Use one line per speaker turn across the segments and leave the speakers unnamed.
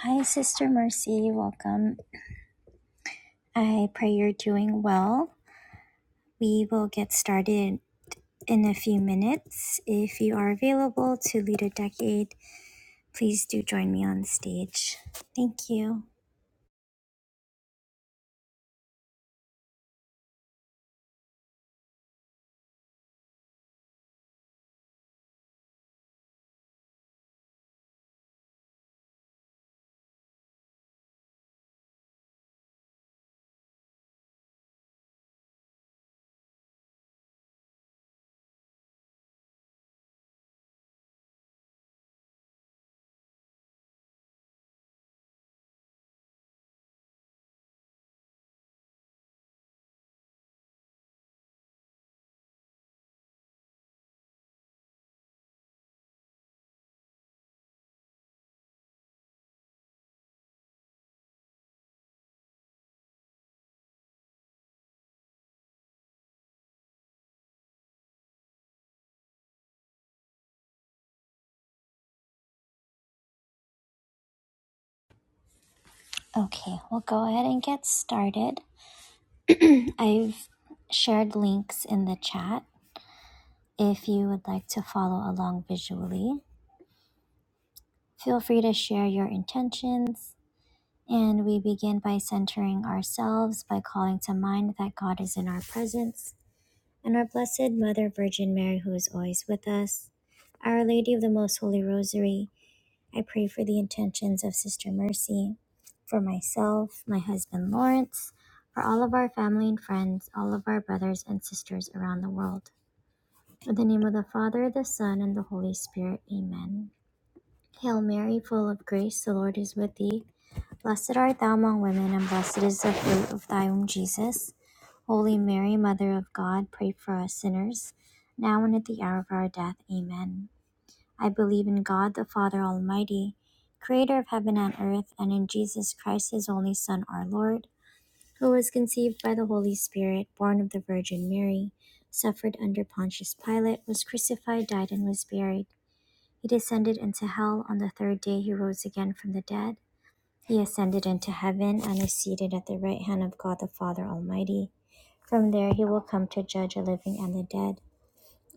Hi, Sister Mercy. Welcome. I pray you're doing well. We will get started in a few minutes. If you are available to lead a decade, please do join me on stage. Thank you. Okay, we'll go ahead and get started. I've shared links in the chat if you would like to follow along visually. Feel free to share your intentions. And we begin by centering ourselves by calling to mind that God is in our presence and our Blessed Mother Virgin Mary, who is always with us. Our Lady of the Most Holy Rosary, I pray for the intentions of Sister Mercy, for myself, my husband Lawrence, for all of our family and friends, all of our brothers and sisters around the world. In the name of the Father, the Son, and the Holy Spirit, amen. Hail Mary, full of grace, the Lord is with thee. Blessed art thou among women, and blessed is the fruit of thy womb, Jesus. Holy Mary, Mother of God, pray for us sinners, now and at the hour of our death. Amen. I believe in God, the Father Almighty, creator of heaven and earth, and in Jesus Christ, his only Son, our Lord, who was conceived by the Holy Spirit, born of the Virgin Mary, suffered under Pontius Pilate, was crucified, died, and was buried. He descended into hell. On the third day, he rose again from the dead. He ascended into heaven and is seated at the right hand of God the Father Almighty. From there he will come to judge the living and the dead.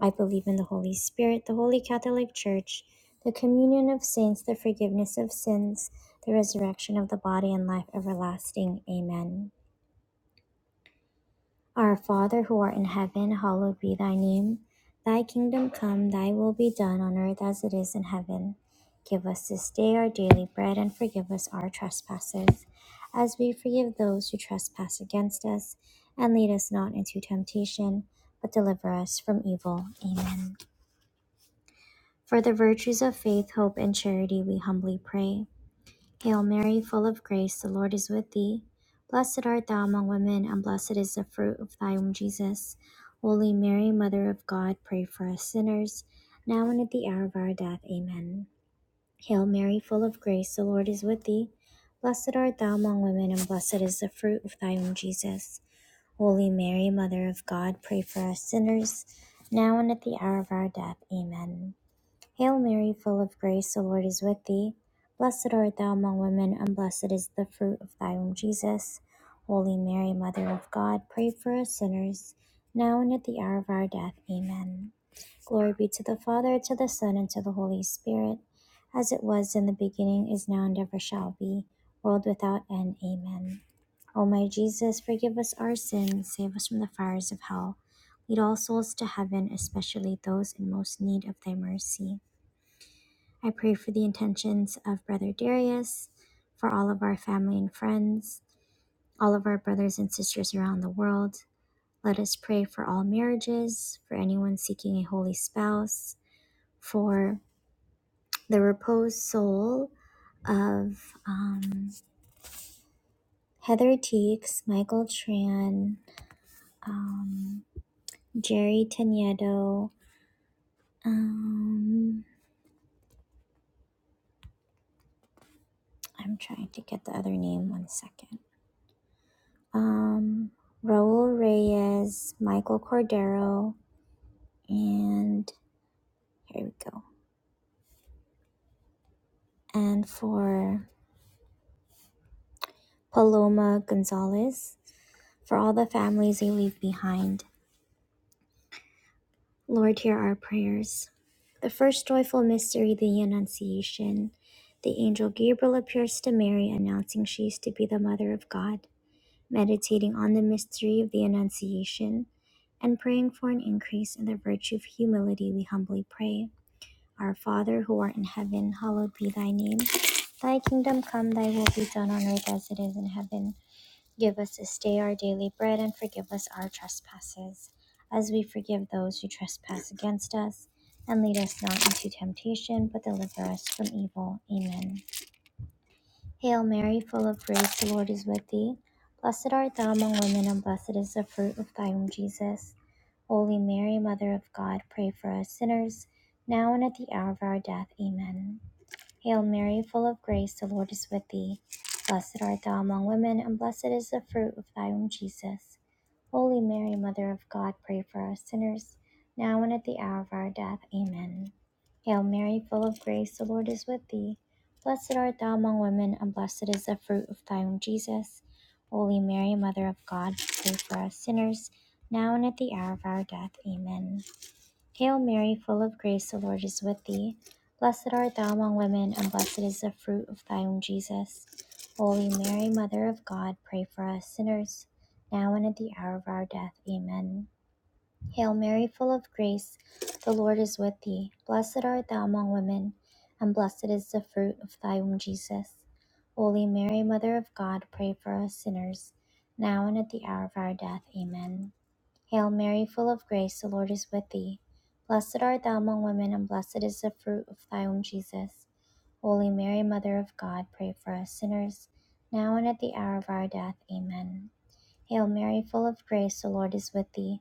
I believe in the Holy Spirit, the Holy Catholic Church, the communion of saints, the forgiveness of sins, the resurrection of the body, and life everlasting. Amen. Our Father who art in heaven, hallowed be thy name. Thy kingdom come, thy will be done on earth as it is in heaven. Give us this day our daily bread and forgive us our trespasses, as we forgive those who trespass against us. And lead us not into temptation, but deliver us from evil. Amen. For the virtues of faith, hope, and charity, we humbly pray. Hail Mary, full of grace, the Lord is with thee. Blessed art thou among women, and blessed is the fruit of thy womb, Jesus. Holy Mary, Mother of God, pray for us sinners, now and at the hour of our death. Amen. Hail Mary, full of grace, the Lord is with thee. Blessed art thou among women, and blessed is the fruit of thy womb, Jesus. Holy Mary, Mother of God, pray for us sinners, now and at the hour of our death. Amen. Hail Mary, full of grace, the Lord is with thee. Blessed art thou among women, and blessed is the fruit of thy womb, Jesus. Holy Mary, Mother of God, pray for us sinners, now and at the hour of our death. Amen. Glory be to the Father, to the Son, and to the Holy Spirit, as it was in the beginning, is now, and ever shall be, world without end. Amen. O my Jesus, forgive us our sins, save us from the fires of hell. Lead all souls to heaven, especially those in most need of thy mercy. I pray for the intentions of Brother Darius, for all of our family and friends, all of our brothers and sisters around the world. Let us pray for all marriages, for anyone seeking a holy spouse, for the reposed soul of um, Heather Teeks, Michael Tran, um, Jerry Teniedo. Um, I'm trying to get the other name. One second. um, Raul Reyes, Michael Cordero, and here we go. And for Paloma Gonzalez, for all the families they leave behind, Lord, hear our prayers. The first joyful mystery, the Annunciation. The angel Gabriel appears to Mary, announcing she is to be the mother of God. Meditating on the mystery of the Annunciation and praying for an increase in the virtue of humility, we humbly pray. Our Father who art in heaven, hallowed be thy name. Thy kingdom come, thy will be done on earth as it is in heaven. Give us this day our daily bread and forgive us our trespasses, as we forgive those who trespass against us. And lead us not into temptation, but deliver us from evil. Amen. Hail Mary, full of grace, the Lord is with thee. Blessed art thou among women, and blessed is the fruit of thy womb, Jesus. Holy Mary, Mother of God, pray for us sinners, now and at the hour of our death. Amen. Hail Mary, full of grace, the Lord is with thee. Blessed art thou among women, and blessed is the fruit of thy womb, Jesus. Holy Mary, Mother of God, pray for us sinners, now and at the hour of our death. Amen. Hail Mary, full of grace, the Lord is with thee. Blessed art thou among women, and blessed is the fruit of thy womb, Jesus. Holy Mary, Mother of God, pray for us sinners, now and at the hour of our death. Amen. Hail Mary, full of grace, the Lord is with thee. Blessed art thou among women, and blessed is the fruit of thy womb, Jesus. Holy Mary, Mother of God, pray for us sinners, now and at the hour of our death. Amen. Hail Mary, full of grace, the Lord is with thee. Blessed art thou among women, and blessed is the fruit of thy womb, Jesus. Holy Mary, Mother of God, pray for us sinners, now and at the hour of our death. Amen. Hail Mary, full of grace, the Lord is with thee. Blessed art thou among women, and blessed is the fruit of thy womb, Jesus. Holy Mary, Mother of God, pray for us sinners, now and at the hour of our death. Amen. Hail Mary, full of grace, the Lord is with thee.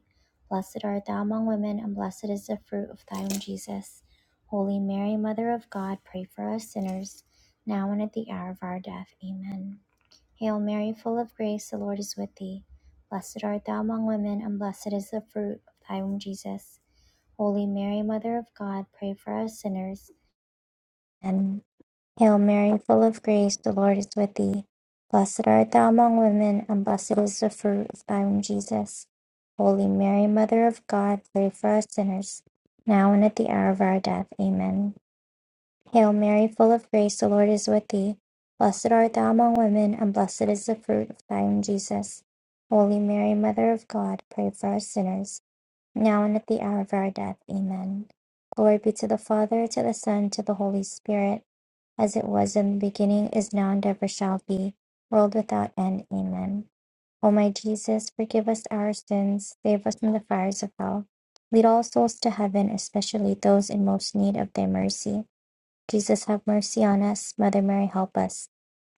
Blessed art thou among women, and blessed is the fruit of thy womb, Jesus. Holy Mary, Mother of God, pray for us sinners, now and at the hour of our death. Amen. Hail Mary, full of grace, the Lord is with thee. Blessed art thou among women, and blessed is the fruit of thy womb, Jesus. Holy Mary, Mother of God, pray for us sinners. Amen. Hail Mary, full of grace, the Lord is with thee. Blessed art thou among women, and blessed is the fruit of thy womb, Jesus. Holy Mary, Mother of God, pray for us sinners, now and at the hour of our death. Amen. Hail Mary, full of grace, the Lord is with thee. Blessed art thou among women, and blessed is the fruit of thy womb, Jesus. Holy Mary, Mother of God, pray for us sinners, now and at the hour of our death. Amen. Glory be to the Father, to the Son, to the Holy Spirit, as it was in the beginning, is now, and ever shall be, world without end. Amen. O my Jesus, forgive us our sins, save us from the fires of hell. Lead all souls to heaven, especially those in most need of thy mercy. Jesus have mercy on us. Mother Mary, help us.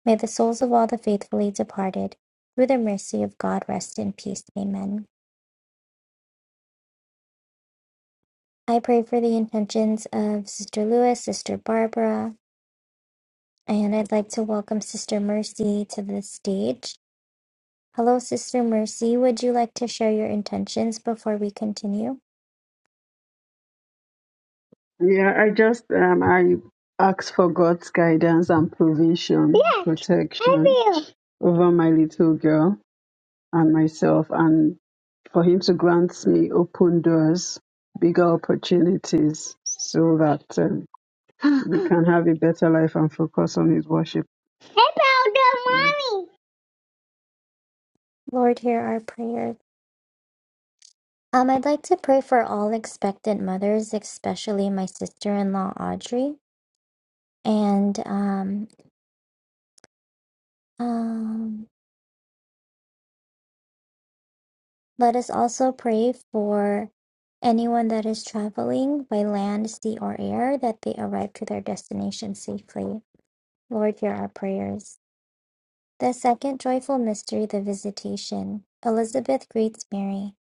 May the souls of all the faithfully departed, through the mercy of God, rest in peace. Amen. I pray for the intentions of Sister Lewis, Sister Barbara, and I'd like to welcome Sister Mercy to the stage. Hello, Sister Mercy. Would you like to share your intentions before we continue?
Yeah, I just um I ask for God's guidance and provision, Yes, I protection will. over my little girl and myself and for him to grant me open doors, bigger opportunities so that um, we can have a better life and focus on his worship. Hey, powder Mm. mommy.
Lord, hear our prayer. Um, I'd like to pray for all expectant mothers, especially my sister-in-law Audrey, and um, um, Let us also pray for anyone that is traveling by land, sea, or air that they arrive to their destination safely. Lord, hear our prayers. The second joyful mystery, the visitation. Elizabeth greets Mary.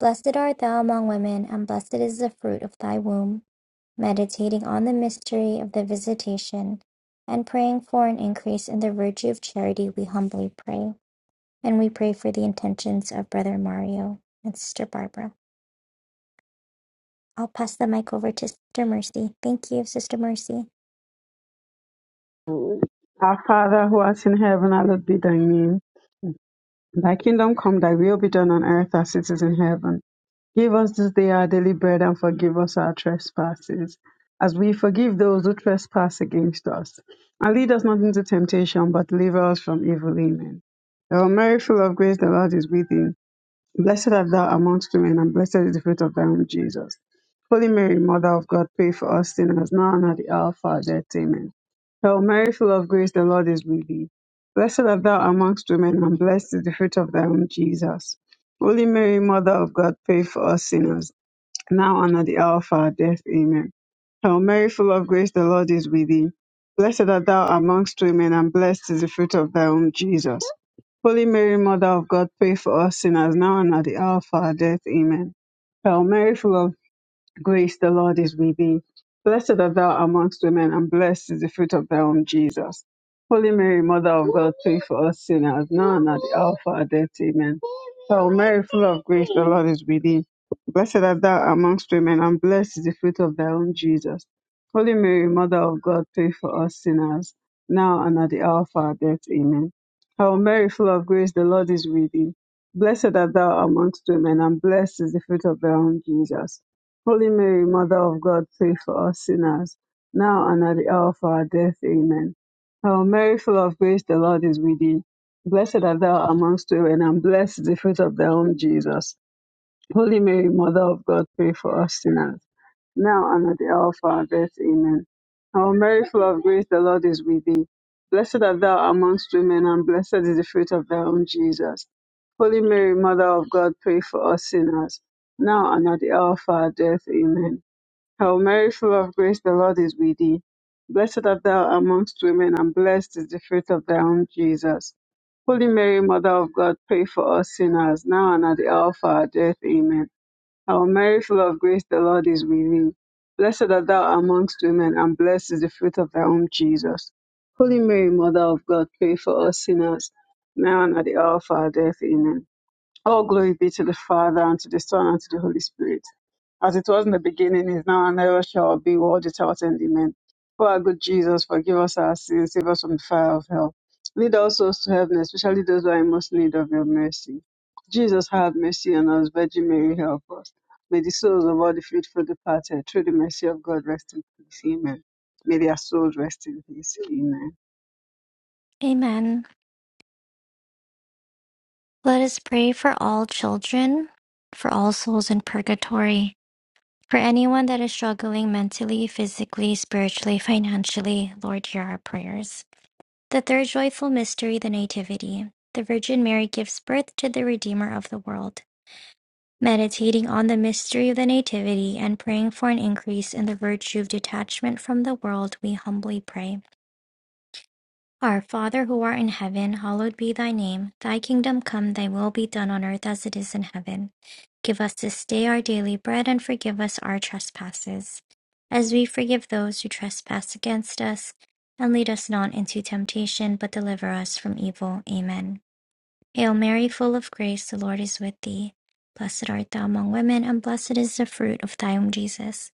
Blessed art thou among women, and blessed is the fruit of thy womb. Meditating on the mystery of the visitation and praying for an increase in the virtue of charity, we humbly pray. And we pray for the intentions of Brother Mario and Sister Barbara. I'll pass the mic over to Sister Mercy. Thank you, Sister Mercy.
Our Father who art in heaven, hallowed be thy name. Thy kingdom come, thy will be done on earth as it is in heaven. Give us this day our daily bread and forgive us our trespasses, as we forgive those who trespass against us. And lead us not into temptation, but deliver us from evil. Amen. Hail Mary, full of grace, the Lord is with thee. Blessed art thou amongst women, and blessed is the fruit of thy womb, Jesus. Holy Mary, Mother of God, pray for us sinners, now and at the hour of our death. Amen. Hail Mary, full of grace, the Lord is with thee. Blessed art thou amongst women, and blessed is the fruit of thy womb, Jesus. Holy Mary, Mother of God, pray for us sinners now and at the hour of our death. Amen. Hail Mary, full of grace, the Lord is with thee. Blessed art thou amongst women, and blessed is the fruit of thy womb, Jesus. Holy Mary, Mother of God, pray for us sinners, now and at the hour of our death. Amen. Hail Mary, full of Grace, the Lord is with thee. Blessed art thou amongst women, and blessed is the fruit of thy womb, Jesus. Holy Mary, Mother of God, pray for us sinners, now and at the hour of our death. Amen. Hail Mary, full of grace, the Lord is with thee. Blessed art thou amongst women, and blessed is the fruit of thy womb, Jesus. Holy Mary, Mother of God, pray for us sinners, now and at the hour of our death. Amen. Hail Mary, full of grace, the Lord is with thee. Blessed art thou amongst women, and blessed is the fruit of thy womb, Jesus. Holy Mary, Mother of God, pray for us sinners, now and at the hour of our death. Amen. Hail Mary, full of grace, the Lord is with thee. Blessed art thou amongst women, and blessed is the fruit of thy womb, Jesus. Holy Mary, Mother of God, pray for us sinners, now and at the hour of our death. Amen. Hail Mary, full of grace, the Lord is with thee. Blessed art thou amongst women, and blessed is the fruit of thy womb, Jesus. Holy Mary, Mother of God, pray for us sinners, now and at the hour of our death. Amen. Hail Mary, full of grace, the Lord is with thee. Blessed art thou amongst women, and blessed is the fruit of thy womb, Jesus. Holy Mary, Mother of God, pray for us sinners, now and at the hour of our death. Amen. Hail Mary, full of grace, the Lord is with thee. Blessed art thou amongst women, and blessed is the fruit of thy womb, Jesus. Holy Mary, Mother of God, pray for us sinners, now and at the hour of our death. Amen. All glory be to the Father, and to the Son, and to the Holy Spirit. As it was in the beginning, is now, and ever shall be, world without end. Amen. For our good Jesus, forgive us our sins, save us from the fire of hell. Lead all souls to heaven, especially those who are in most need of your mercy. Jesus, have mercy on us. Virgin Mary, help us. May the souls of all the faithful departed, through the mercy of God, rest in peace. Amen. May their souls rest in peace. Amen.
Amen. Let us pray for all children, for all souls in purgatory, for anyone that is struggling mentally, physically, spiritually, financially. Lord, hear our prayers. The third joyful mystery, the Nativity. The Virgin Mary gives birth to the Redeemer of the world. Meditating on the mystery of the Nativity and praying for an increase in the virtue of detachment from the world, we humbly pray. Our Father who art in heaven, hallowed be thy name. Thy kingdom come, thy will be done on earth as it is in heaven. Give us this day our daily bread and forgive us our trespasses, as we forgive those who trespass against us. And lead us not into temptation, but deliver us from evil. Amen. Hail Mary, full of grace, the Lord is with thee. Blessed art thou among women, and blessed is the fruit of thy womb, Jesus.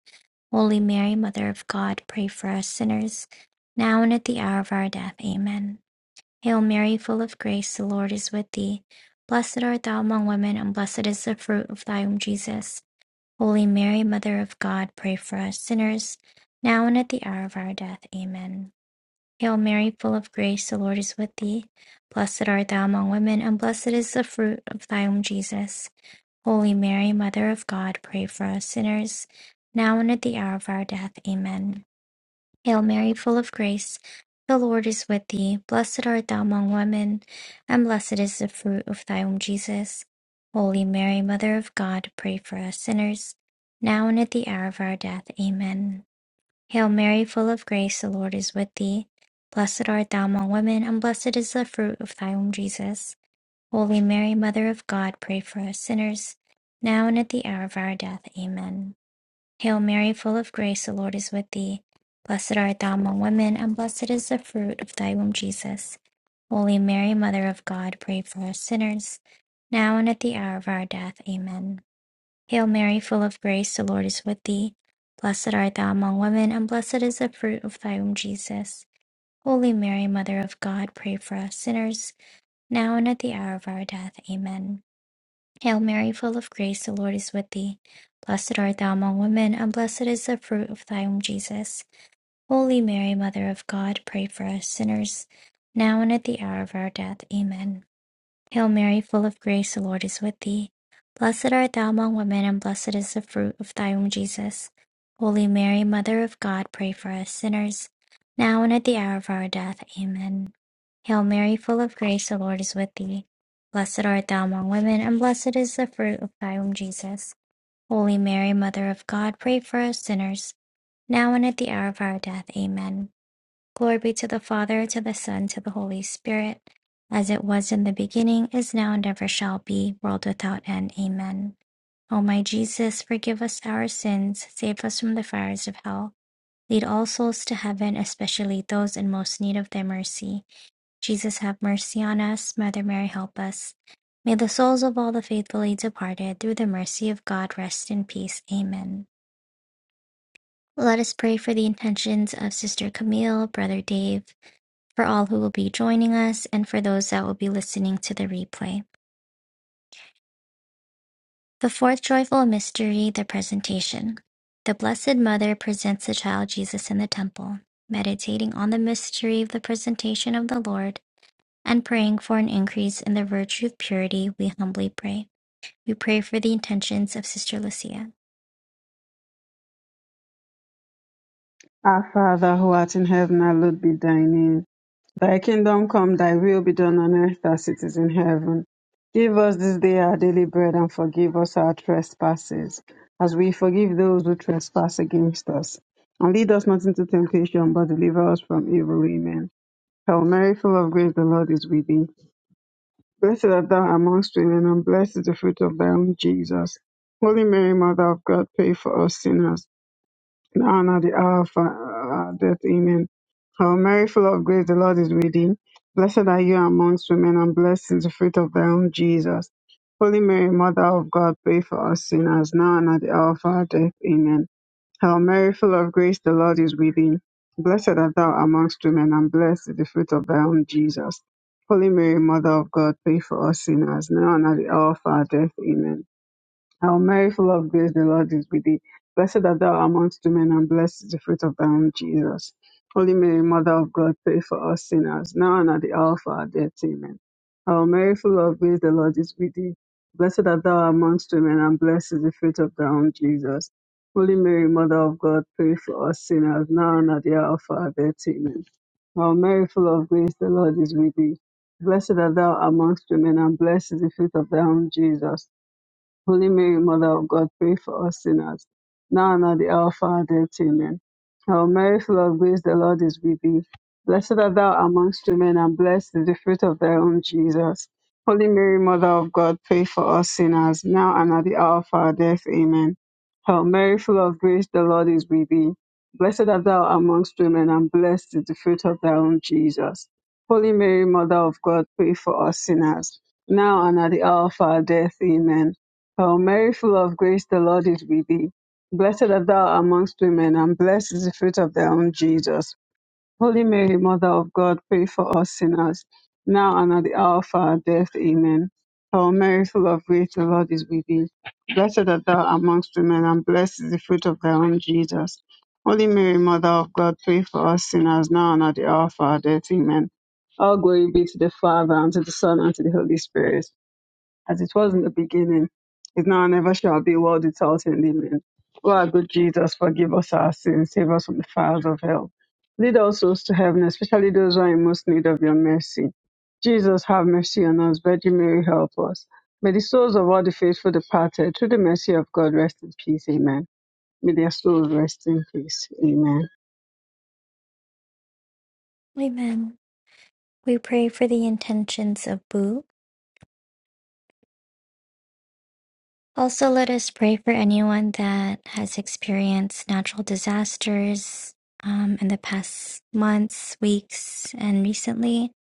Holy Mary, Mother of God, pray for us sinners, now and at the hour of our death. Amen. Hail Mary, full of grace, the Lord is with thee. Blessed art thou among women, and blessed is the fruit of thy womb, Jesus. Holy Mary, Mother of God, pray for us sinners, now and at the hour of our death. Amen. Hail Mary, full of grace, the Lord is with thee. Blessed art thou among women, and blessed is the fruit of thy womb, Jesus. Holy Mary, Mother of God, pray for us sinners, now and at the hour of our death. Amen. Hail Mary, full of grace, the Lord is with thee. Blessed art thou among women, and blessed is the fruit of thy womb, Jesus. Holy Mary, Mother of God, pray for us sinners, now and at the hour of our death. Amen. Hail Mary, full of grace, the Lord is with thee. Blessed art thou among women, and blessed is the fruit of thy womb, Jesus. Holy Mary, Mother of God, pray for us sinners, now and at the hour of our death. Amen. Hail Mary, full of grace, the Lord is with thee. Blessed art thou among women, and blessed is the fruit of thy womb, Jesus. Holy Mary, Mother of God, pray for us sinners, now and at the hour of our death. Amen. Hail Mary, full of grace, the Lord is with thee. Blessed art thou among women, and blessed is the fruit of thy womb, Jesus. Holy Mary, Mother of God, pray for us sinners, now and at the hour of our death. Amen. Hail Mary, full of grace, the Lord is with thee. Blessed art thou among women, and blessed is the fruit of thy womb, Jesus. Holy Mary, Mother of God, pray for us sinners, now and at the hour of our death. Amen. Hail Mary, full of grace, the Lord is with thee. Blessed art thou among women, and blessed is the fruit of thy womb, Jesus. Holy Mary, Mother of God, pray for us sinners, now and at the hour of our death. Amen. Hail Mary, full of grace, the Lord is with thee. Blessed art thou among women, and blessed is the fruit of thy womb, Jesus. Holy Mary, Mother of God, pray for us sinners, now and at the hour of our death. Amen. Glory be to the Father, to the Son, to the Holy Spirit, as it was in the beginning, is now, and ever shall be, world without end. Amen. O my Jesus, forgive us our sins, save us from the fires of hell. Lead all souls to heaven, especially those in most need of thy mercy. Jesus, have mercy on us. Mother Mary, help us. May the souls of all the faithfully departed, through the mercy of God, rest in peace. Amen. Let us pray for the intentions of Sister Camille, Brother Dave, for all who will be joining us, and for those that will be listening to the replay. The fourth joyful mystery, the presentation. The Blessed Mother presents the child Jesus in the temple, meditating on the mystery of the presentation of the Lord and praying for an increase in the virtue of purity, we humbly pray. We pray for the intentions of Sister Lucia.
Our Father, who art in heaven, hallowed be thy name. Thy kingdom come, thy will be done on earth as it is in heaven. Give us this day our daily bread and forgive us our trespasses, as we forgive those who trespass against us. And lead us not into temptation, but deliver us from evil. Amen. Hail Mary, full of grace, the Lord is with thee. Blessed art thou amongst women, and blessed is the fruit of thy womb, Jesus. Holy Mary, Mother of God, pray for us sinners the honor, the hour of uh, death. Amen. Hail Mary, full of grace, the Lord is with thee. Blessed are you amongst women, and blessed is the fruit of thy womb, Jesus. Holy Mary, Mother of God, pray for us sinners, now and at the hour of our death. Amen. Hail Mary, full of grace, the Lord is with thee. Blessed art thou amongst women, and blessed is the fruit of thy womb, Jesus. Holy Mary, Mother of God, pray for us sinners, now and at the hour of our death. Amen. Our Mary, full of grace, the Lord is with thee. Blessed art thou amongst women, and blessed is the fruit of thy womb, Jesus. Holy Mary, Mother of God, pray for us sinners, now and at the hour of our death. Amen. Our Mary, full of grace, the Lord is with thee. Blessed art thou amongst women, and blessed is the fruit of thy womb, Jesus. Holy Mary, Mother of God, pray for us sinners, now and at the hour of our death. Amen. Our Mary, full of grace, the Lord is with thee. Blessed art thou amongst women, and blessed is the fruit of thy womb, Jesus. Holy Mary, Mother of God, pray for us sinners, now and at the hour of our death. Amen. Hail Mary, full of grace, the Lord is with thee. Blessed art thou amongst women, and blessed is the fruit of thy womb, Jesus. Holy Mary, Mother of God, pray for us sinners, now and at the hour of our death. Amen. Hail Mary, full of grace, the Lord is with thee. Blessed art thou amongst women, and blessed is the fruit of thy womb, Jesus. Holy Mary, Mother of God, pray for us sinners, now and at the hour of our death. Amen. O Mary, full of grace, the Lord is with thee. Blessed art thou amongst women, and blessed is the fruit of thy womb, Jesus. Holy Mary, Mother of God, pray for us sinners, now and at the hour of our death. Amen. O Mary, full of grace, the Lord is with thee. Blessed art thou amongst women, and blessed is the fruit of thy womb, Jesus. Holy Mary, Mother of God, pray for us sinners, now and at the hour of our death. Amen. All glory be to the Father, and to the Son, and to the Holy Spirit as it was in the beginning, is now and ever shall be, world without end. Amen. O our good Jesus, forgive us our sins, save us from the fires of hell. Lead our souls to heaven, especially those who are in most need of your mercy. Jesus, have mercy on us. Virgin Mary, help us. May the souls of all the faithful departed, through the mercy of God, rest in peace. Amen. May their souls rest in peace. Amen.
Amen. We pray for the intentions of Boo, Also, let us pray for anyone that has experienced natural disasters um, in the past months, weeks, and recently.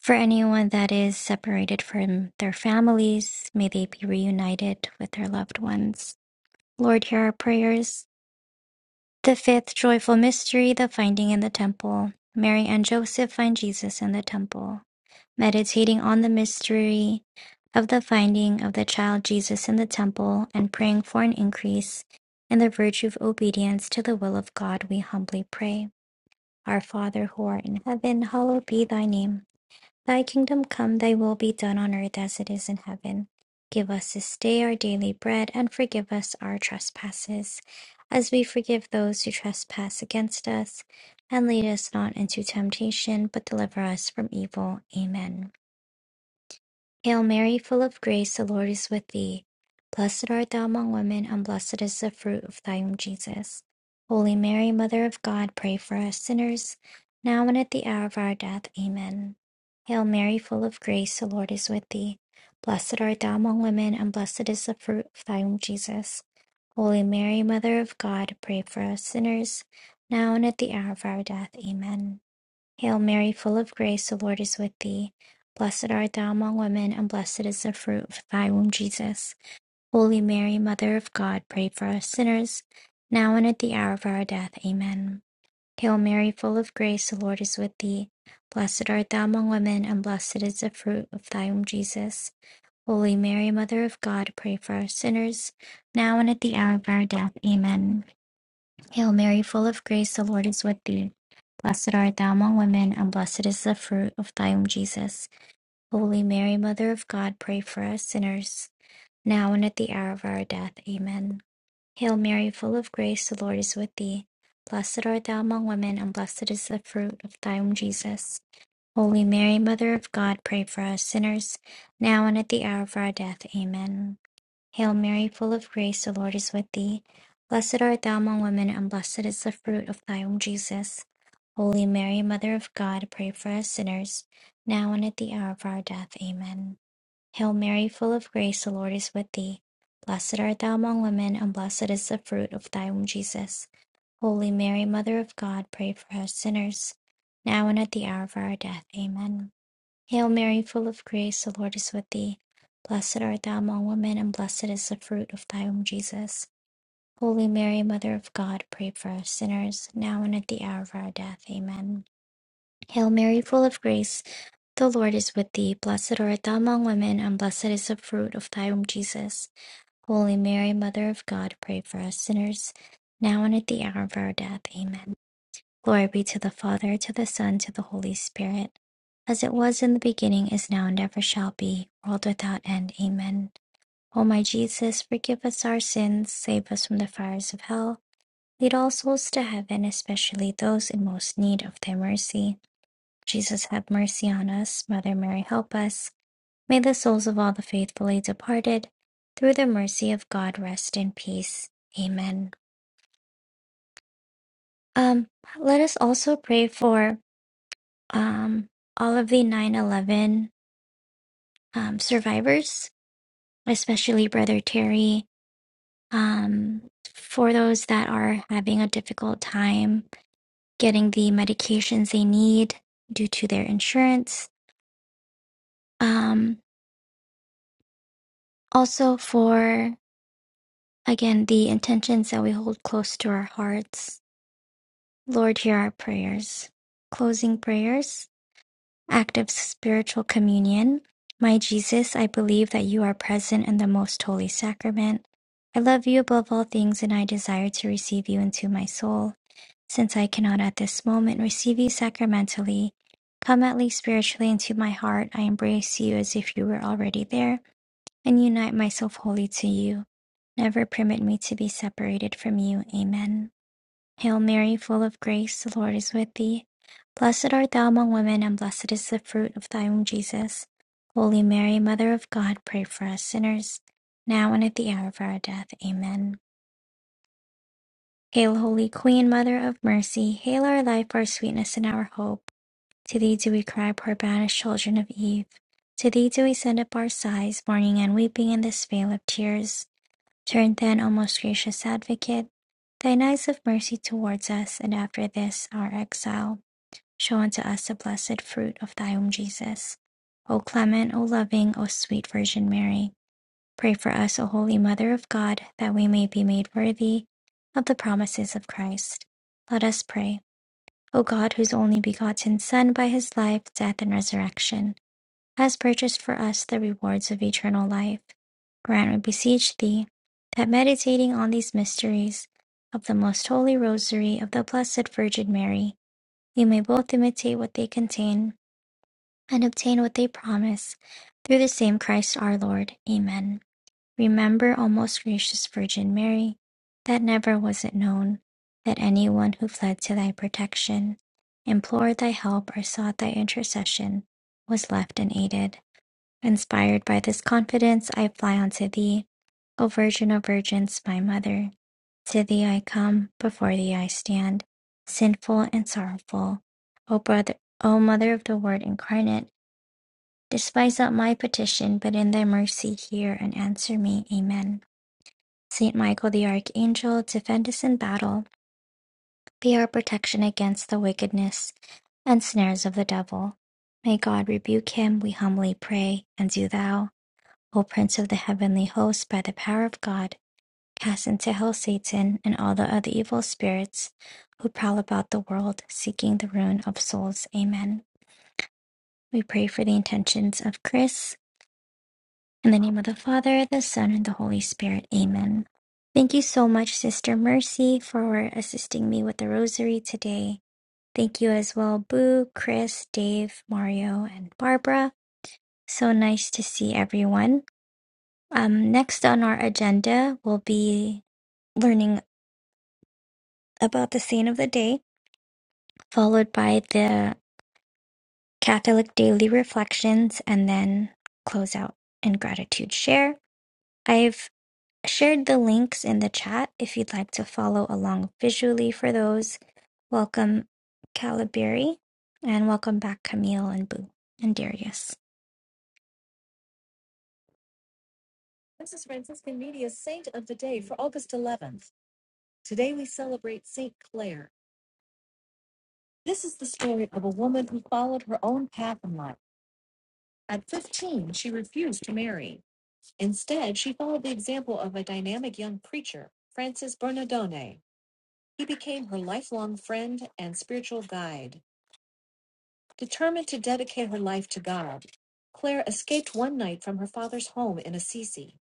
For anyone that is separated from their families, may they be reunited with their loved ones. Lord, hear our prayers. The fifth joyful mystery, the finding in the temple. Mary and Joseph find Jesus in the temple. Meditating on the mystery of the finding of the child Jesus in the temple and praying for an increase in the virtue of obedience to the will of God, we humbly pray. Our Father who art in heaven, hallowed be thy name. Thy kingdom come, thy will be done on earth as it is in heaven. Give us this day our daily bread, and forgive us our trespasses, as we forgive those who trespass against us. And lead us not into temptation, but deliver us from evil. Amen. Hail Mary, full of grace, the Lord is with thee. Blessed art thou among women, and blessed is the fruit of thy womb, Jesus. Holy Mary, Mother of God, pray for us sinners, now and at the hour of our death. Amen. Hail Mary, full of grace, the Lord is with thee. Blessed art thou among women, and blessed is the fruit of thy womb, Jesus. Holy Mary, Mother of God, pray for us sinners, now and at the hour of our death. Amen. Hail Mary, full of grace, the Lord is with thee. Blessed art thou among women, and blessed is the fruit of thy womb, Jesus. Holy Mary, Mother of God, pray for us sinners, now and at the hour of our death. Amen. Hail Mary, full of grace, the Lord is with thee. Blessed art thou among women, and blessed is the fruit of thy womb, Jesus. Holy Mary, Mother of God, pray for us sinners, now and at the hour of our death. Amen. Hail Mary, full of grace, the Lord is with thee. Blessed art thou among women, and blessed is the fruit of thy womb, Jesus. Holy Mary, Mother of God, pray for us sinners, now and at the hour of our death. Amen. Hail Mary, full of grace, the Lord is with thee. Blessed art thou among women, and blessed is the fruit of thy womb, Jesus. Holy Mary, Mother of God, pray for us sinners, now and at the hour of our death. Amen. Hail Mary, full of grace, the Lord is with thee. Blessed art thou among women, and blessed is the fruit of thy womb, Jesus. Holy Mary, Mother of God, pray for us sinners, now and at the hour of our death. Amen. Hail Mary, full of grace, the Lord is with thee. Blessed art thou among women, and blessed is the fruit of thy womb, Jesus. Holy Mary, Mother of God, pray for us sinners, now and at the hour of our death. Amen. Hail Mary, full of grace, the Lord is with thee. Blessed art thou among women, and blessed is the fruit of thy womb, Jesus. Holy Mary, Mother of God, pray for us sinners, now and at the hour of our death. Amen. Hail Mary, full of grace, the Lord is with thee. Blessed art thou among women, and blessed is the fruit of thy womb, Jesus. Holy Mary, Mother of God, pray for us sinners, now and at the hour of our death. Amen. Glory be to the Father, to the Son, to the Holy Spirit, as it was in the beginning, is now, and ever shall be, world without end. Amen. O my Jesus, forgive us our sins, save us from the fires of hell, lead all souls to heaven, especially those in most need of thy mercy. Jesus, have mercy on us. Mother Mary, help us. May the souls of all the faithfully departed, through the mercy of God, rest in peace. Amen. Um, let us also pray for um, all of the 9/11 um, survivors, especially Brother Terry. Um, for those that are having a difficult time getting the medications they need due to their insurance. Um, also for again the intentions that we hold close to our hearts. Lord, hear our prayers. Closing prayers. Act of spiritual communion. My Jesus, I believe that you are present in the most holy sacrament. I love you above all things and I desire to receive you into my soul. Since I cannot at this moment receive you sacramentally, come at least spiritually into my heart. I embrace you as if you were already there and unite myself wholly to you. Never permit me to be separated from you. Amen. Hail Mary, full of grace, the Lord is with thee. Blessed art thou among women, and blessed is the fruit of thy womb, Jesus. Holy Mary, Mother of God, pray for us sinners, now and at the hour of our death. Amen. Hail, Holy Queen, Mother of Mercy, hail our life, our sweetness, and our hope. To thee do we cry, poor banished children of Eve. To thee do we send up our sighs, mourning and weeping in this vale of tears. Turn then, O most gracious Advocate, thine eyes of mercy towards us, and after this our exile, show unto us the blessed fruit of thy womb, Jesus. O clement, O loving, O sweet Virgin Mary, pray for us, O holy Mother of God, that we may be made worthy of the promises of Christ. Let us pray. O God, whose only begotten Son, by his life, death, and resurrection, has purchased for us the rewards of eternal life. Grant, we beseech thee, that meditating on these mysteries of the most holy rosary of the Blessed Virgin Mary, we may both imitate what they contain and obtain what they promise, through the same Christ our Lord. Amen. Remember, O most gracious Virgin Mary, that never was it known that anyone who fled to thy protection, implored thy help, or sought thy intercession was left unaided. Inspired by this confidence, I fly unto thee, O Virgin of Virgins, my Mother. To thee I come, before thee I stand, sinful and sorrowful. O brother, O Mother of the Word incarnate, despise not my petition, but in thy mercy hear and answer me. Amen. Saint Michael the Archangel, defend us in battle. Be our protection against the wickedness and snares of the devil. May God rebuke him, we humbly pray, and do thou. O prince of the heavenly host, by the power of God, cast into hell Satan and all the other evil spirits who prowl about the world seeking the ruin of souls. Amen. We pray for the intentions of Chris. In the name of the Father, the Son, and the Holy Spirit. Amen. Thank you so much, Sister Mercy, for assisting me with the rosary today. Thank you as well, Boo, Chris, Dave, Mario, and Barbara. So nice to see everyone. Um, next on our agenda will be learning about the saint of the day, followed by the Catholic daily reflections, and then close out in gratitude share. I've shared the links in the chat if you'd like to follow along visually for those. Welcome, Calabari, and welcome back, Camille and Boo and Darius. This is Franciscan Media's Saint of the Day for August 11th. Today we celebrate Saint Clare. This is the story of a woman who followed her own path in life. At 15, she refused to marry. Instead, she followed the example of a dynamic young preacher, Francis Bernardone. He became her lifelong friend and spiritual guide. Determined to dedicate her life to God, Claire escaped one night from her father's home in Assisi.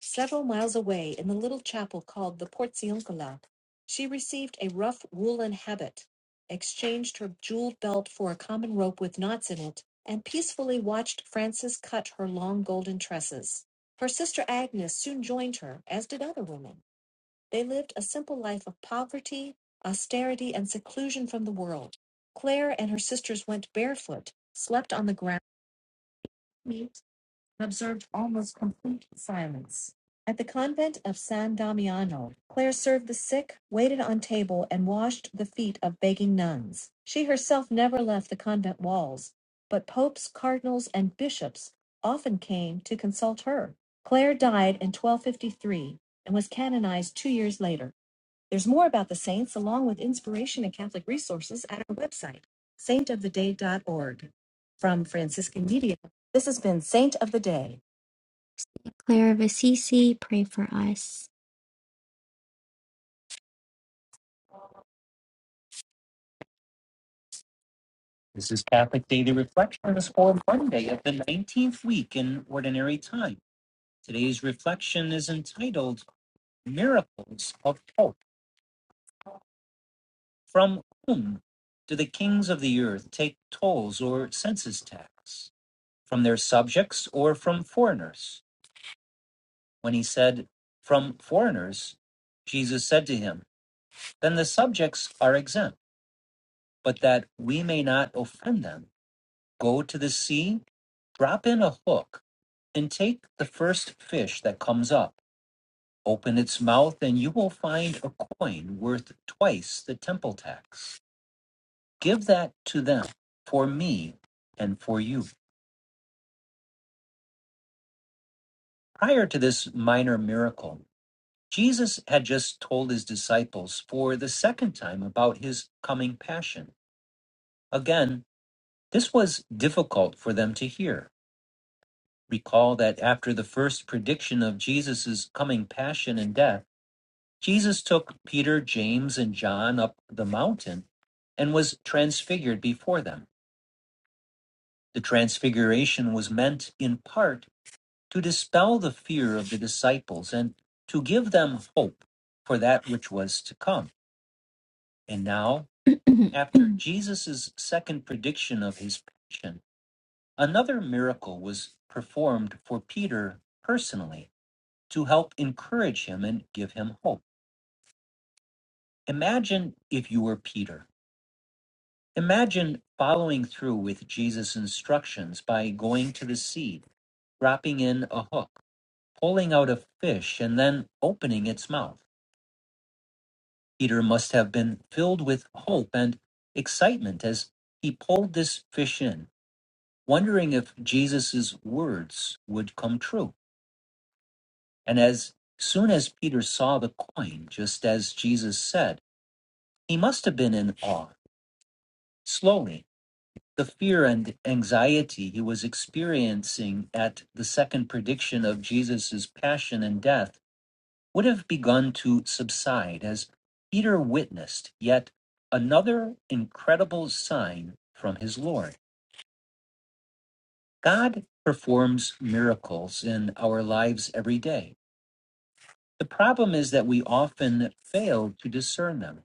Several miles away, in the little chapel called the Porciuncola, she received a rough woolen habit, exchanged her jeweled belt for a common rope with knots in it, and peacefully watched Frances cut her long golden tresses. Her sister Agnes soon joined her, as did other women. They lived a simple life of poverty, austerity, and seclusion from the world. Claire and her sisters went barefoot, slept on the ground, and observed almost complete silence. At the convent of San Damiano, Claire served the sick, waited on table, and washed the feet of begging nuns. She herself never left the convent walls, but popes, cardinals, and bishops often came to consult her. Claire died in 1253 and was canonized two years later. There's more about the saints along with inspiration and Catholic resources at our website, saintoftheday.org. From Franciscan Media, this has been Saint of the Day. Claire of Assisi, pray for us. This is Catholic Daily Reflections for Monday of the 19th week in Ordinary Time. Today's reflection is entitled Miracles of Hope. From whom do the kings of the earth take tolls or census tax? From their subjects or from foreigners? when he said, From foreigners, Jesus said to him, Then the subjects are exempt, but that we may not offend them, go to the sea, drop in a hook, and take the first fish that comes up. Open its mouth, and you will find a coin worth twice the temple tax. Give that to them for me and for you. Prior to this minor miracle, Jesus had just told his disciples for the second time about his coming passion. Again, this was difficult for them to hear. Recall that after the first prediction of Jesus' coming passion and death, Jesus took Peter, James, and John up the mountain and was transfigured before them. The transfiguration was meant in part to dispel the fear of the disciples and to give them hope for that which was to come. And now After Jesus' second prediction of his passion, another miracle was performed for Peter personally to help encourage him and give him hope. Imagine if you were Peter. Imagine following through with Jesus' instructions by going to the sea, dropping in a hook, pulling out a fish, and then opening its mouth. Peter must have been filled with hope and excitement as he pulled this fish in wondering if Jesus's words would come true. And as soon as Peter saw the coin, just as Jesus said, he must have been in awe. Slowly, the fear and anxiety he was experiencing at the second prediction of Jesus's passion and death would have begun to subside as Peter witnessed yet another incredible sign from his Lord. God performs miracles in our lives every day The problem is that we often fail to discern them.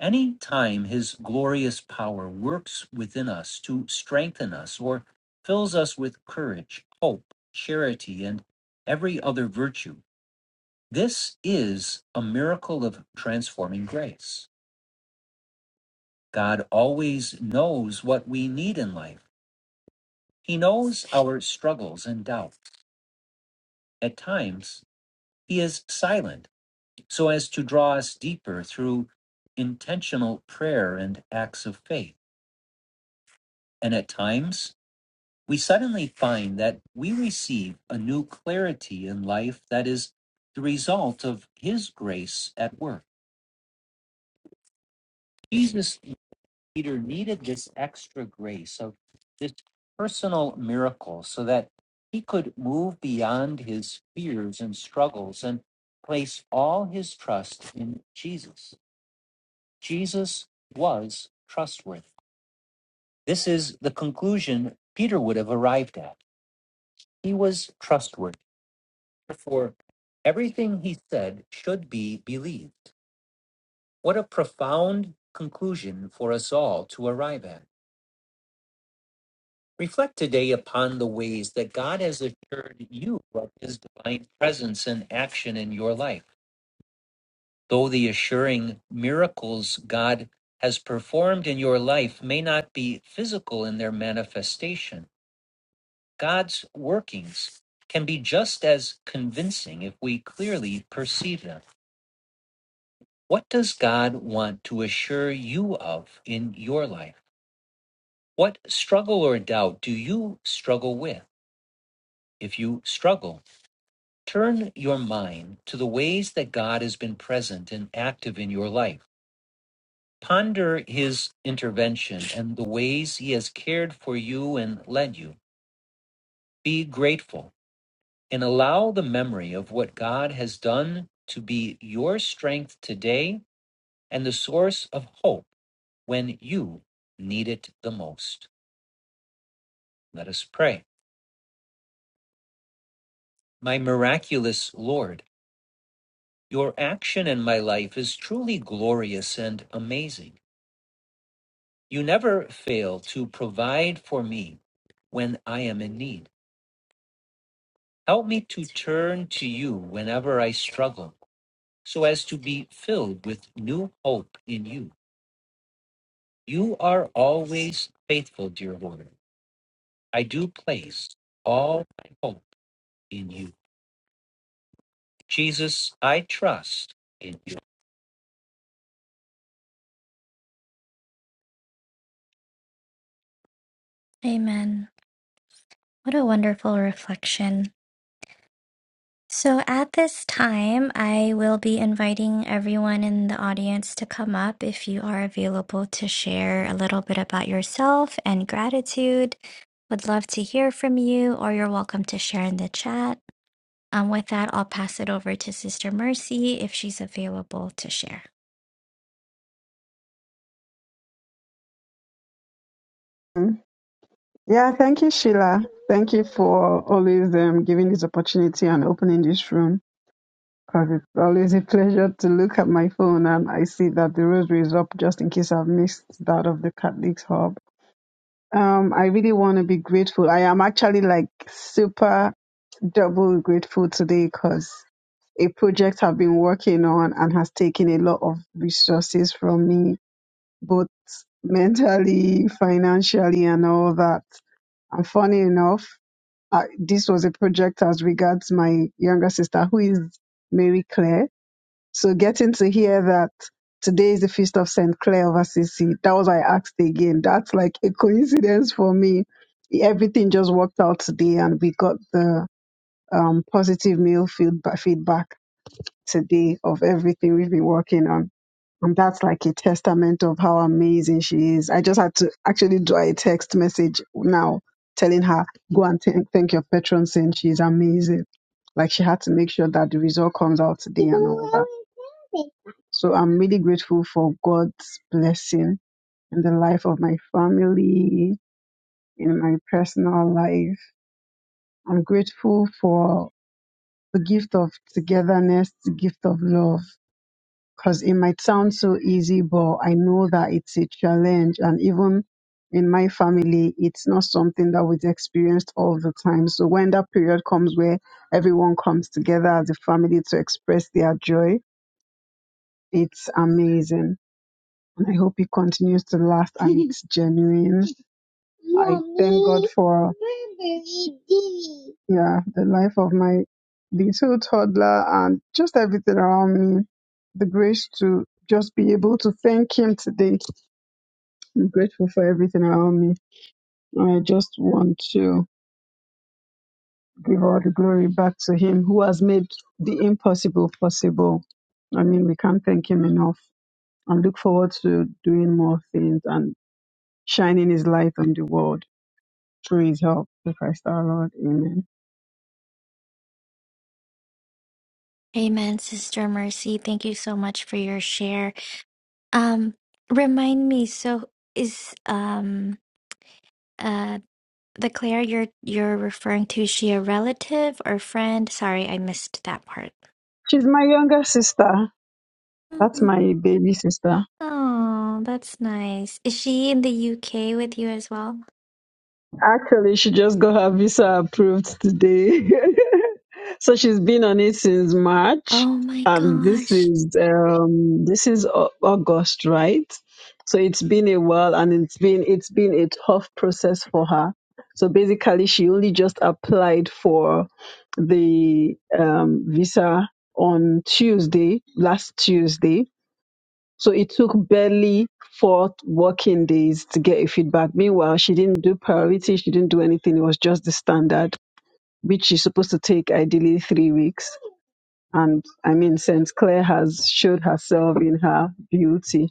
Any time his glorious power works within us to strengthen us or fills us with courage, hope, charity, and every other virtue, this is a miracle of transforming grace. God always knows what we need in life. He knows our struggles and doubts. At times, he is silent so as to draw us deeper through intentional prayer and acts of faith. And at times, we suddenly find that we receive a new clarity in life that is the result of His grace at work. Jesus Peter needed this extra grace of this personal miracle so that he could move beyond his fears and struggles and place all his trust in Jesus. Jesus was trustworthy. This is the conclusion Peter would have arrived at. He was trustworthy. Therefore, everything he said should be believed. What a profound conclusion for us all to arrive at. Reflect today upon the ways that God has assured you of his divine presence and action in your life. Though the assuring miracles God has performed in your life may not be physical in their manifestation, God's workings can be just as convincing if we clearly perceive them. What does God want to assure you of in your life? What struggle or doubt do you struggle with? If you struggle, turn your mind to the ways that God has been present and active in your life. Ponder his intervention and the ways he has cared for you and led you. Be grateful and allow the memory of what God has done to be your strength today and the source of hope when you need it the most. Let us pray. My miraculous Lord, your action in my life is truly glorious and amazing. You never fail to provide for me when I am in need. Help me to turn to you whenever I struggle so as to be filled with new hope in you. You are always faithful, dear Lord. I do place all my hope in you. Jesus, I trust in you. Amen. What a wonderful reflection. So, at this time, I will be inviting everyone in the audience to come up if you are available to share a little bit about yourself and gratitude. Would love to hear from you, or you're welcome to share in the chat. Um, with that, I'll pass it over to Sister Mercy if she's available to share.
Mm. Yeah, thank you, Sheila. Thank you for always um, giving this opportunity and opening this room. 'Cause it's always a pleasure to look at my phone and I see that the rosary is up just in case I've missed that of the Catholics Hub. Um, I really want to be grateful. I am actually like super double grateful today because a project I've been working on and has taken a lot of resources from me, both mentally, financially, and all that. And funny enough, I, this was a project as regards my younger sister, who is Mary Claire so getting to hear that today is the feast of Saint Clair of Assisi, that was why I asked again. That's like a coincidence for me. Everything just worked out today, and we got the um, positive mail feedback feedback today of everything we've been working on. And that's like a testament of how amazing she is. I just had to actually draw a text message now telling her, go and thank thank your patron saying she's amazing. Like she had to make sure that the result comes out today and all that. So I'm really grateful for God's blessing in the life of my family, in my personal life. I'm grateful for the gift of togetherness, the gift of love because it might sound so easy, but I know that it's a challenge. And even in my family, it's not something that we experienced all the time. So when that period comes where everyone comes together as a family to express their joy, it's amazing. And I hope it continues to last and it's genuine. I thank God for yeah the life of my little toddler and just everything around me. The grace to just be able to thank Him today. I'm grateful for everything around me. And I just want to give all the glory back to Him who has made the impossible possible. I mean, we can't thank Him enough. And look forward to doing more things and shining His light on the world through His help. Through Christ our Lord. Amen.
Amen, Sister Mercy. Thank you so much for your share. Um, remind me, so is um uh the Claire you're you're referring to, is she a relative or friend? Sorry, I missed that part.
She's my younger sister. That's
Mm,
my baby sister.
Oh, that's nice. Is she in the UK with you as well?
Actually, she just got her visa approved today. so she's been on it since March.
Oh my
And this
gosh.
is um this is Au- August, right? So it's been a while and it's been it's been a tough process for her. So basically she only just applied for the um visa on Tuesday, last Tuesday So it took barely four working days to get a feedback. Meanwhile, she didn't do priority, she didn't do anything. It was just the standard, which is supposed to take ideally three weeks. And I mean, St. Clair has showed herself in her beauty.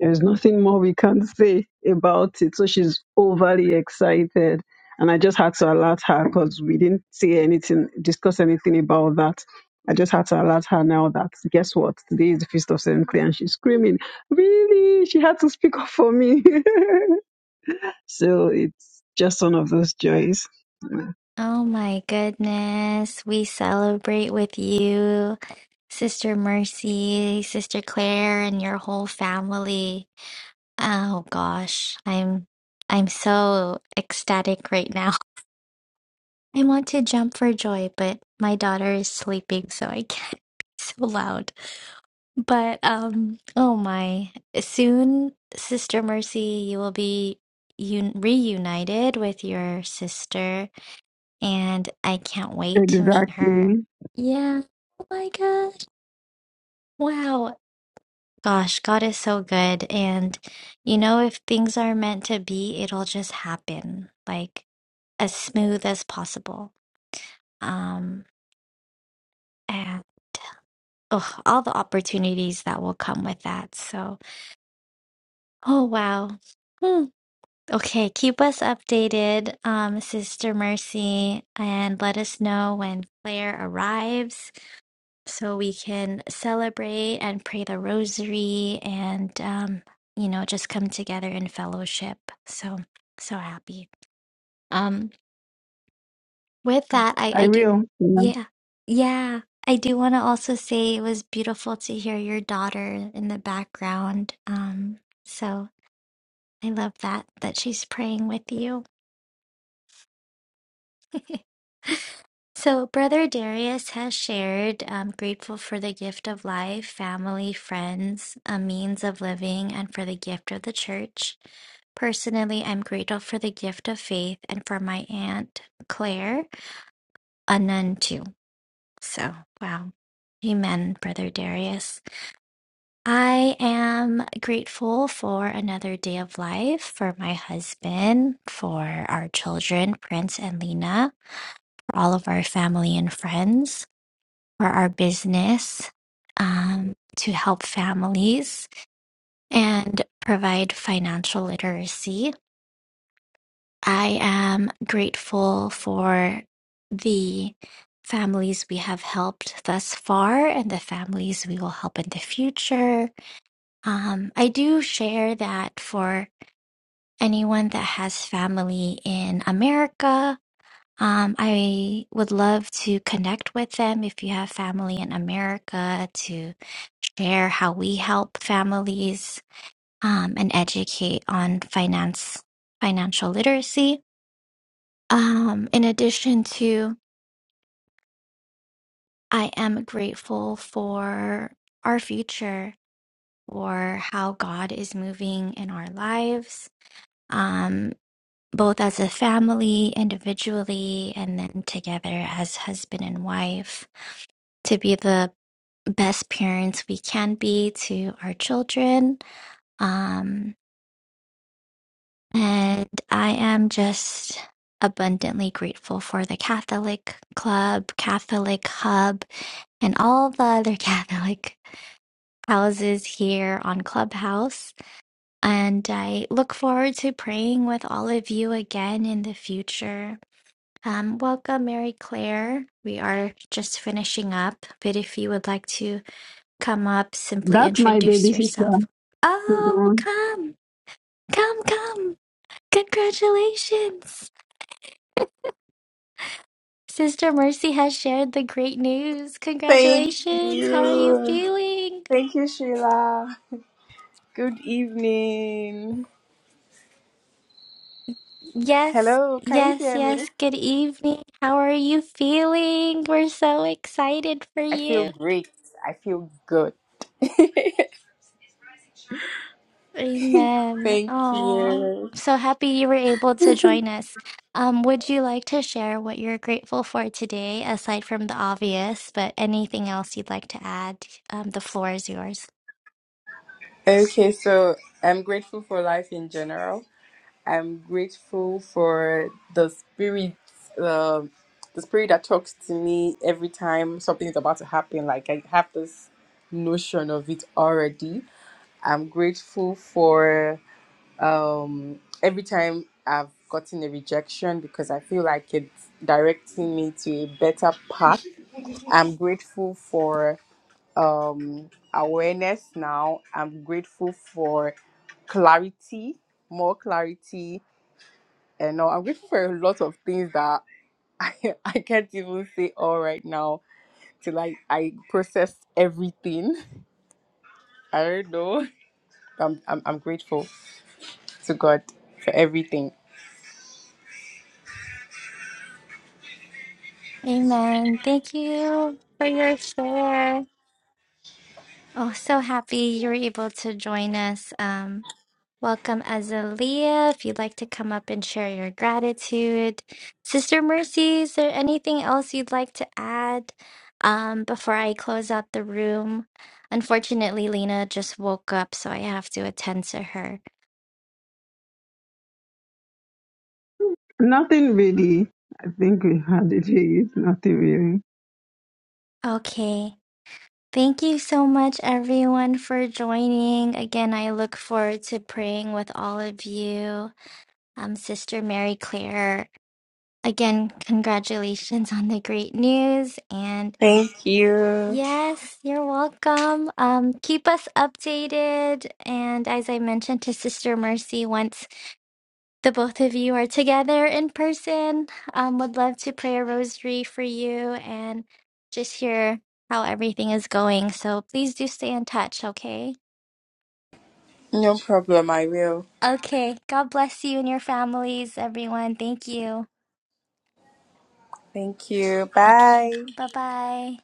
There's nothing more we can say about it. So she's overly excited. And I just had to alert her because we didn't say anything, discuss anything about that. I just had to alert her now that guess what? Today is the feast of St. Clair and she's screaming, Really? She had to speak up for me. so it's just one of those joys.
Oh my goodness. We celebrate with you, Sister Mercy, Sister Claire, and your whole family. Oh gosh, I'm I'm so ecstatic right now. I want to jump for joy, but my daughter is sleeping, so I can't be so loud. But um oh my, soon Sister Mercy, you will be un reunited with your sister and I can't wait to meet her.
Exactly.
Yeah. Oh my gosh. Wow. Gosh, God is so good. And you know, if things are meant to be, it'll just happen like as smooth as possible. Um, and oh, all the opportunities that will come with that. So, oh wow. Hmm. Okay, keep us updated, um, Sister Mercy, and let us know when Claire arrives so we can celebrate and pray the rosary and um, you know just come together in fellowship so so happy um with that i i
I
do
will. Yeah.
yeah yeah i do want to also say it was beautiful to hear your daughter in the background um so i love that that she's praying with you So, Brother Darius has shared, um, grateful for the gift of life, family, friends, a means of living, and for the gift of the church. Personally, I'm grateful for the gift of faith and for my aunt, Claire, a nun too. So, wow. Amen, Brother Darius. I am grateful for another day of life, for my husband, for our children, Prince and Lena, for all of our family and friends. for our business um, to help families and provide financial literacy. I am grateful for the families we have helped thus far and the families we will help in the future. Um, I do share that for anyone that has family in America Um, I would love to connect with them if you have family in America to share how we help families um, and educate on finance, financial literacy. Um, in addition to, I am grateful for our future, for how God is moving in our lives. Um, both as a family, individually, and then together as husband and wife, to be the best parents we can be to our children. Um, and I am just abundantly grateful for the Catholic Club, Catholic Hub, and all the other Catholic houses here on Clubhouse. And I look forward to praying with all of you again in the future. Um, welcome, Mary Claire. We are just finishing up, but if you would like to come up, simply
That's my
introduce
baby sister.
yourself.
She's the
Oh,
one.
come, come, come. Congratulations. Sister Mercy has shared the great news.
Thank
Congratulations. How are you
you.
feeling?
Thank you, Sheila. Good evening.
Yes,
Hello, can you
yes,
hear me?
yes. Good evening. How are you feeling? We're so excited for
I feel
you.
great. I feel good.
Amen.
Thank
Oh,
you.
so happy you were able to join us. Um, would you like to share what you're grateful for today, aside from the obvious, but anything else you'd like to add? Um, the floor is yours.
Okay, so I'm grateful for life in general. I'm grateful for the spirit, um the spirit that talks to me every time something is about to happen. Like I have this notion of it already. I'm grateful for. um every time i've gotten a rejection because i feel like it's directing me to a better path i'm grateful for um awareness now i'm grateful for clarity more clarity and uh, i'm grateful for a lot of things that i, I can't even say all right now till i i process everything i don't know i'm i'm, I'm grateful to god for everything
Amen. Thank you for your share. Oh, so happy you were able to join us. Um. Welcome, Azalea. If you'd like to come up and share your gratitude, Sister Mercy, is there anything else you'd like to add um, before I close out the room? Unfortunately, Lena just woke up, so I have to attend to her.
Nothing really. I think we had it. Really. Nothing really.
Okay. Thank you so much, everyone, for joining. Again, I look forward to praying with all of you. Um, Sister Mary Claire, again, congratulations on the great news and
Thank you.
Yes, you're welcome. Um, keep us updated. And as I mentioned to Sister Mercy, once the both of you are together in person, um, would love to pray a rosary for you and just hear how everything is going. So please do stay in touch, okay?
No problem, I will.
Okay. God bless you and your families, everyone. Thank you.
Thank you.
Okay.
Bye.
Bye bye.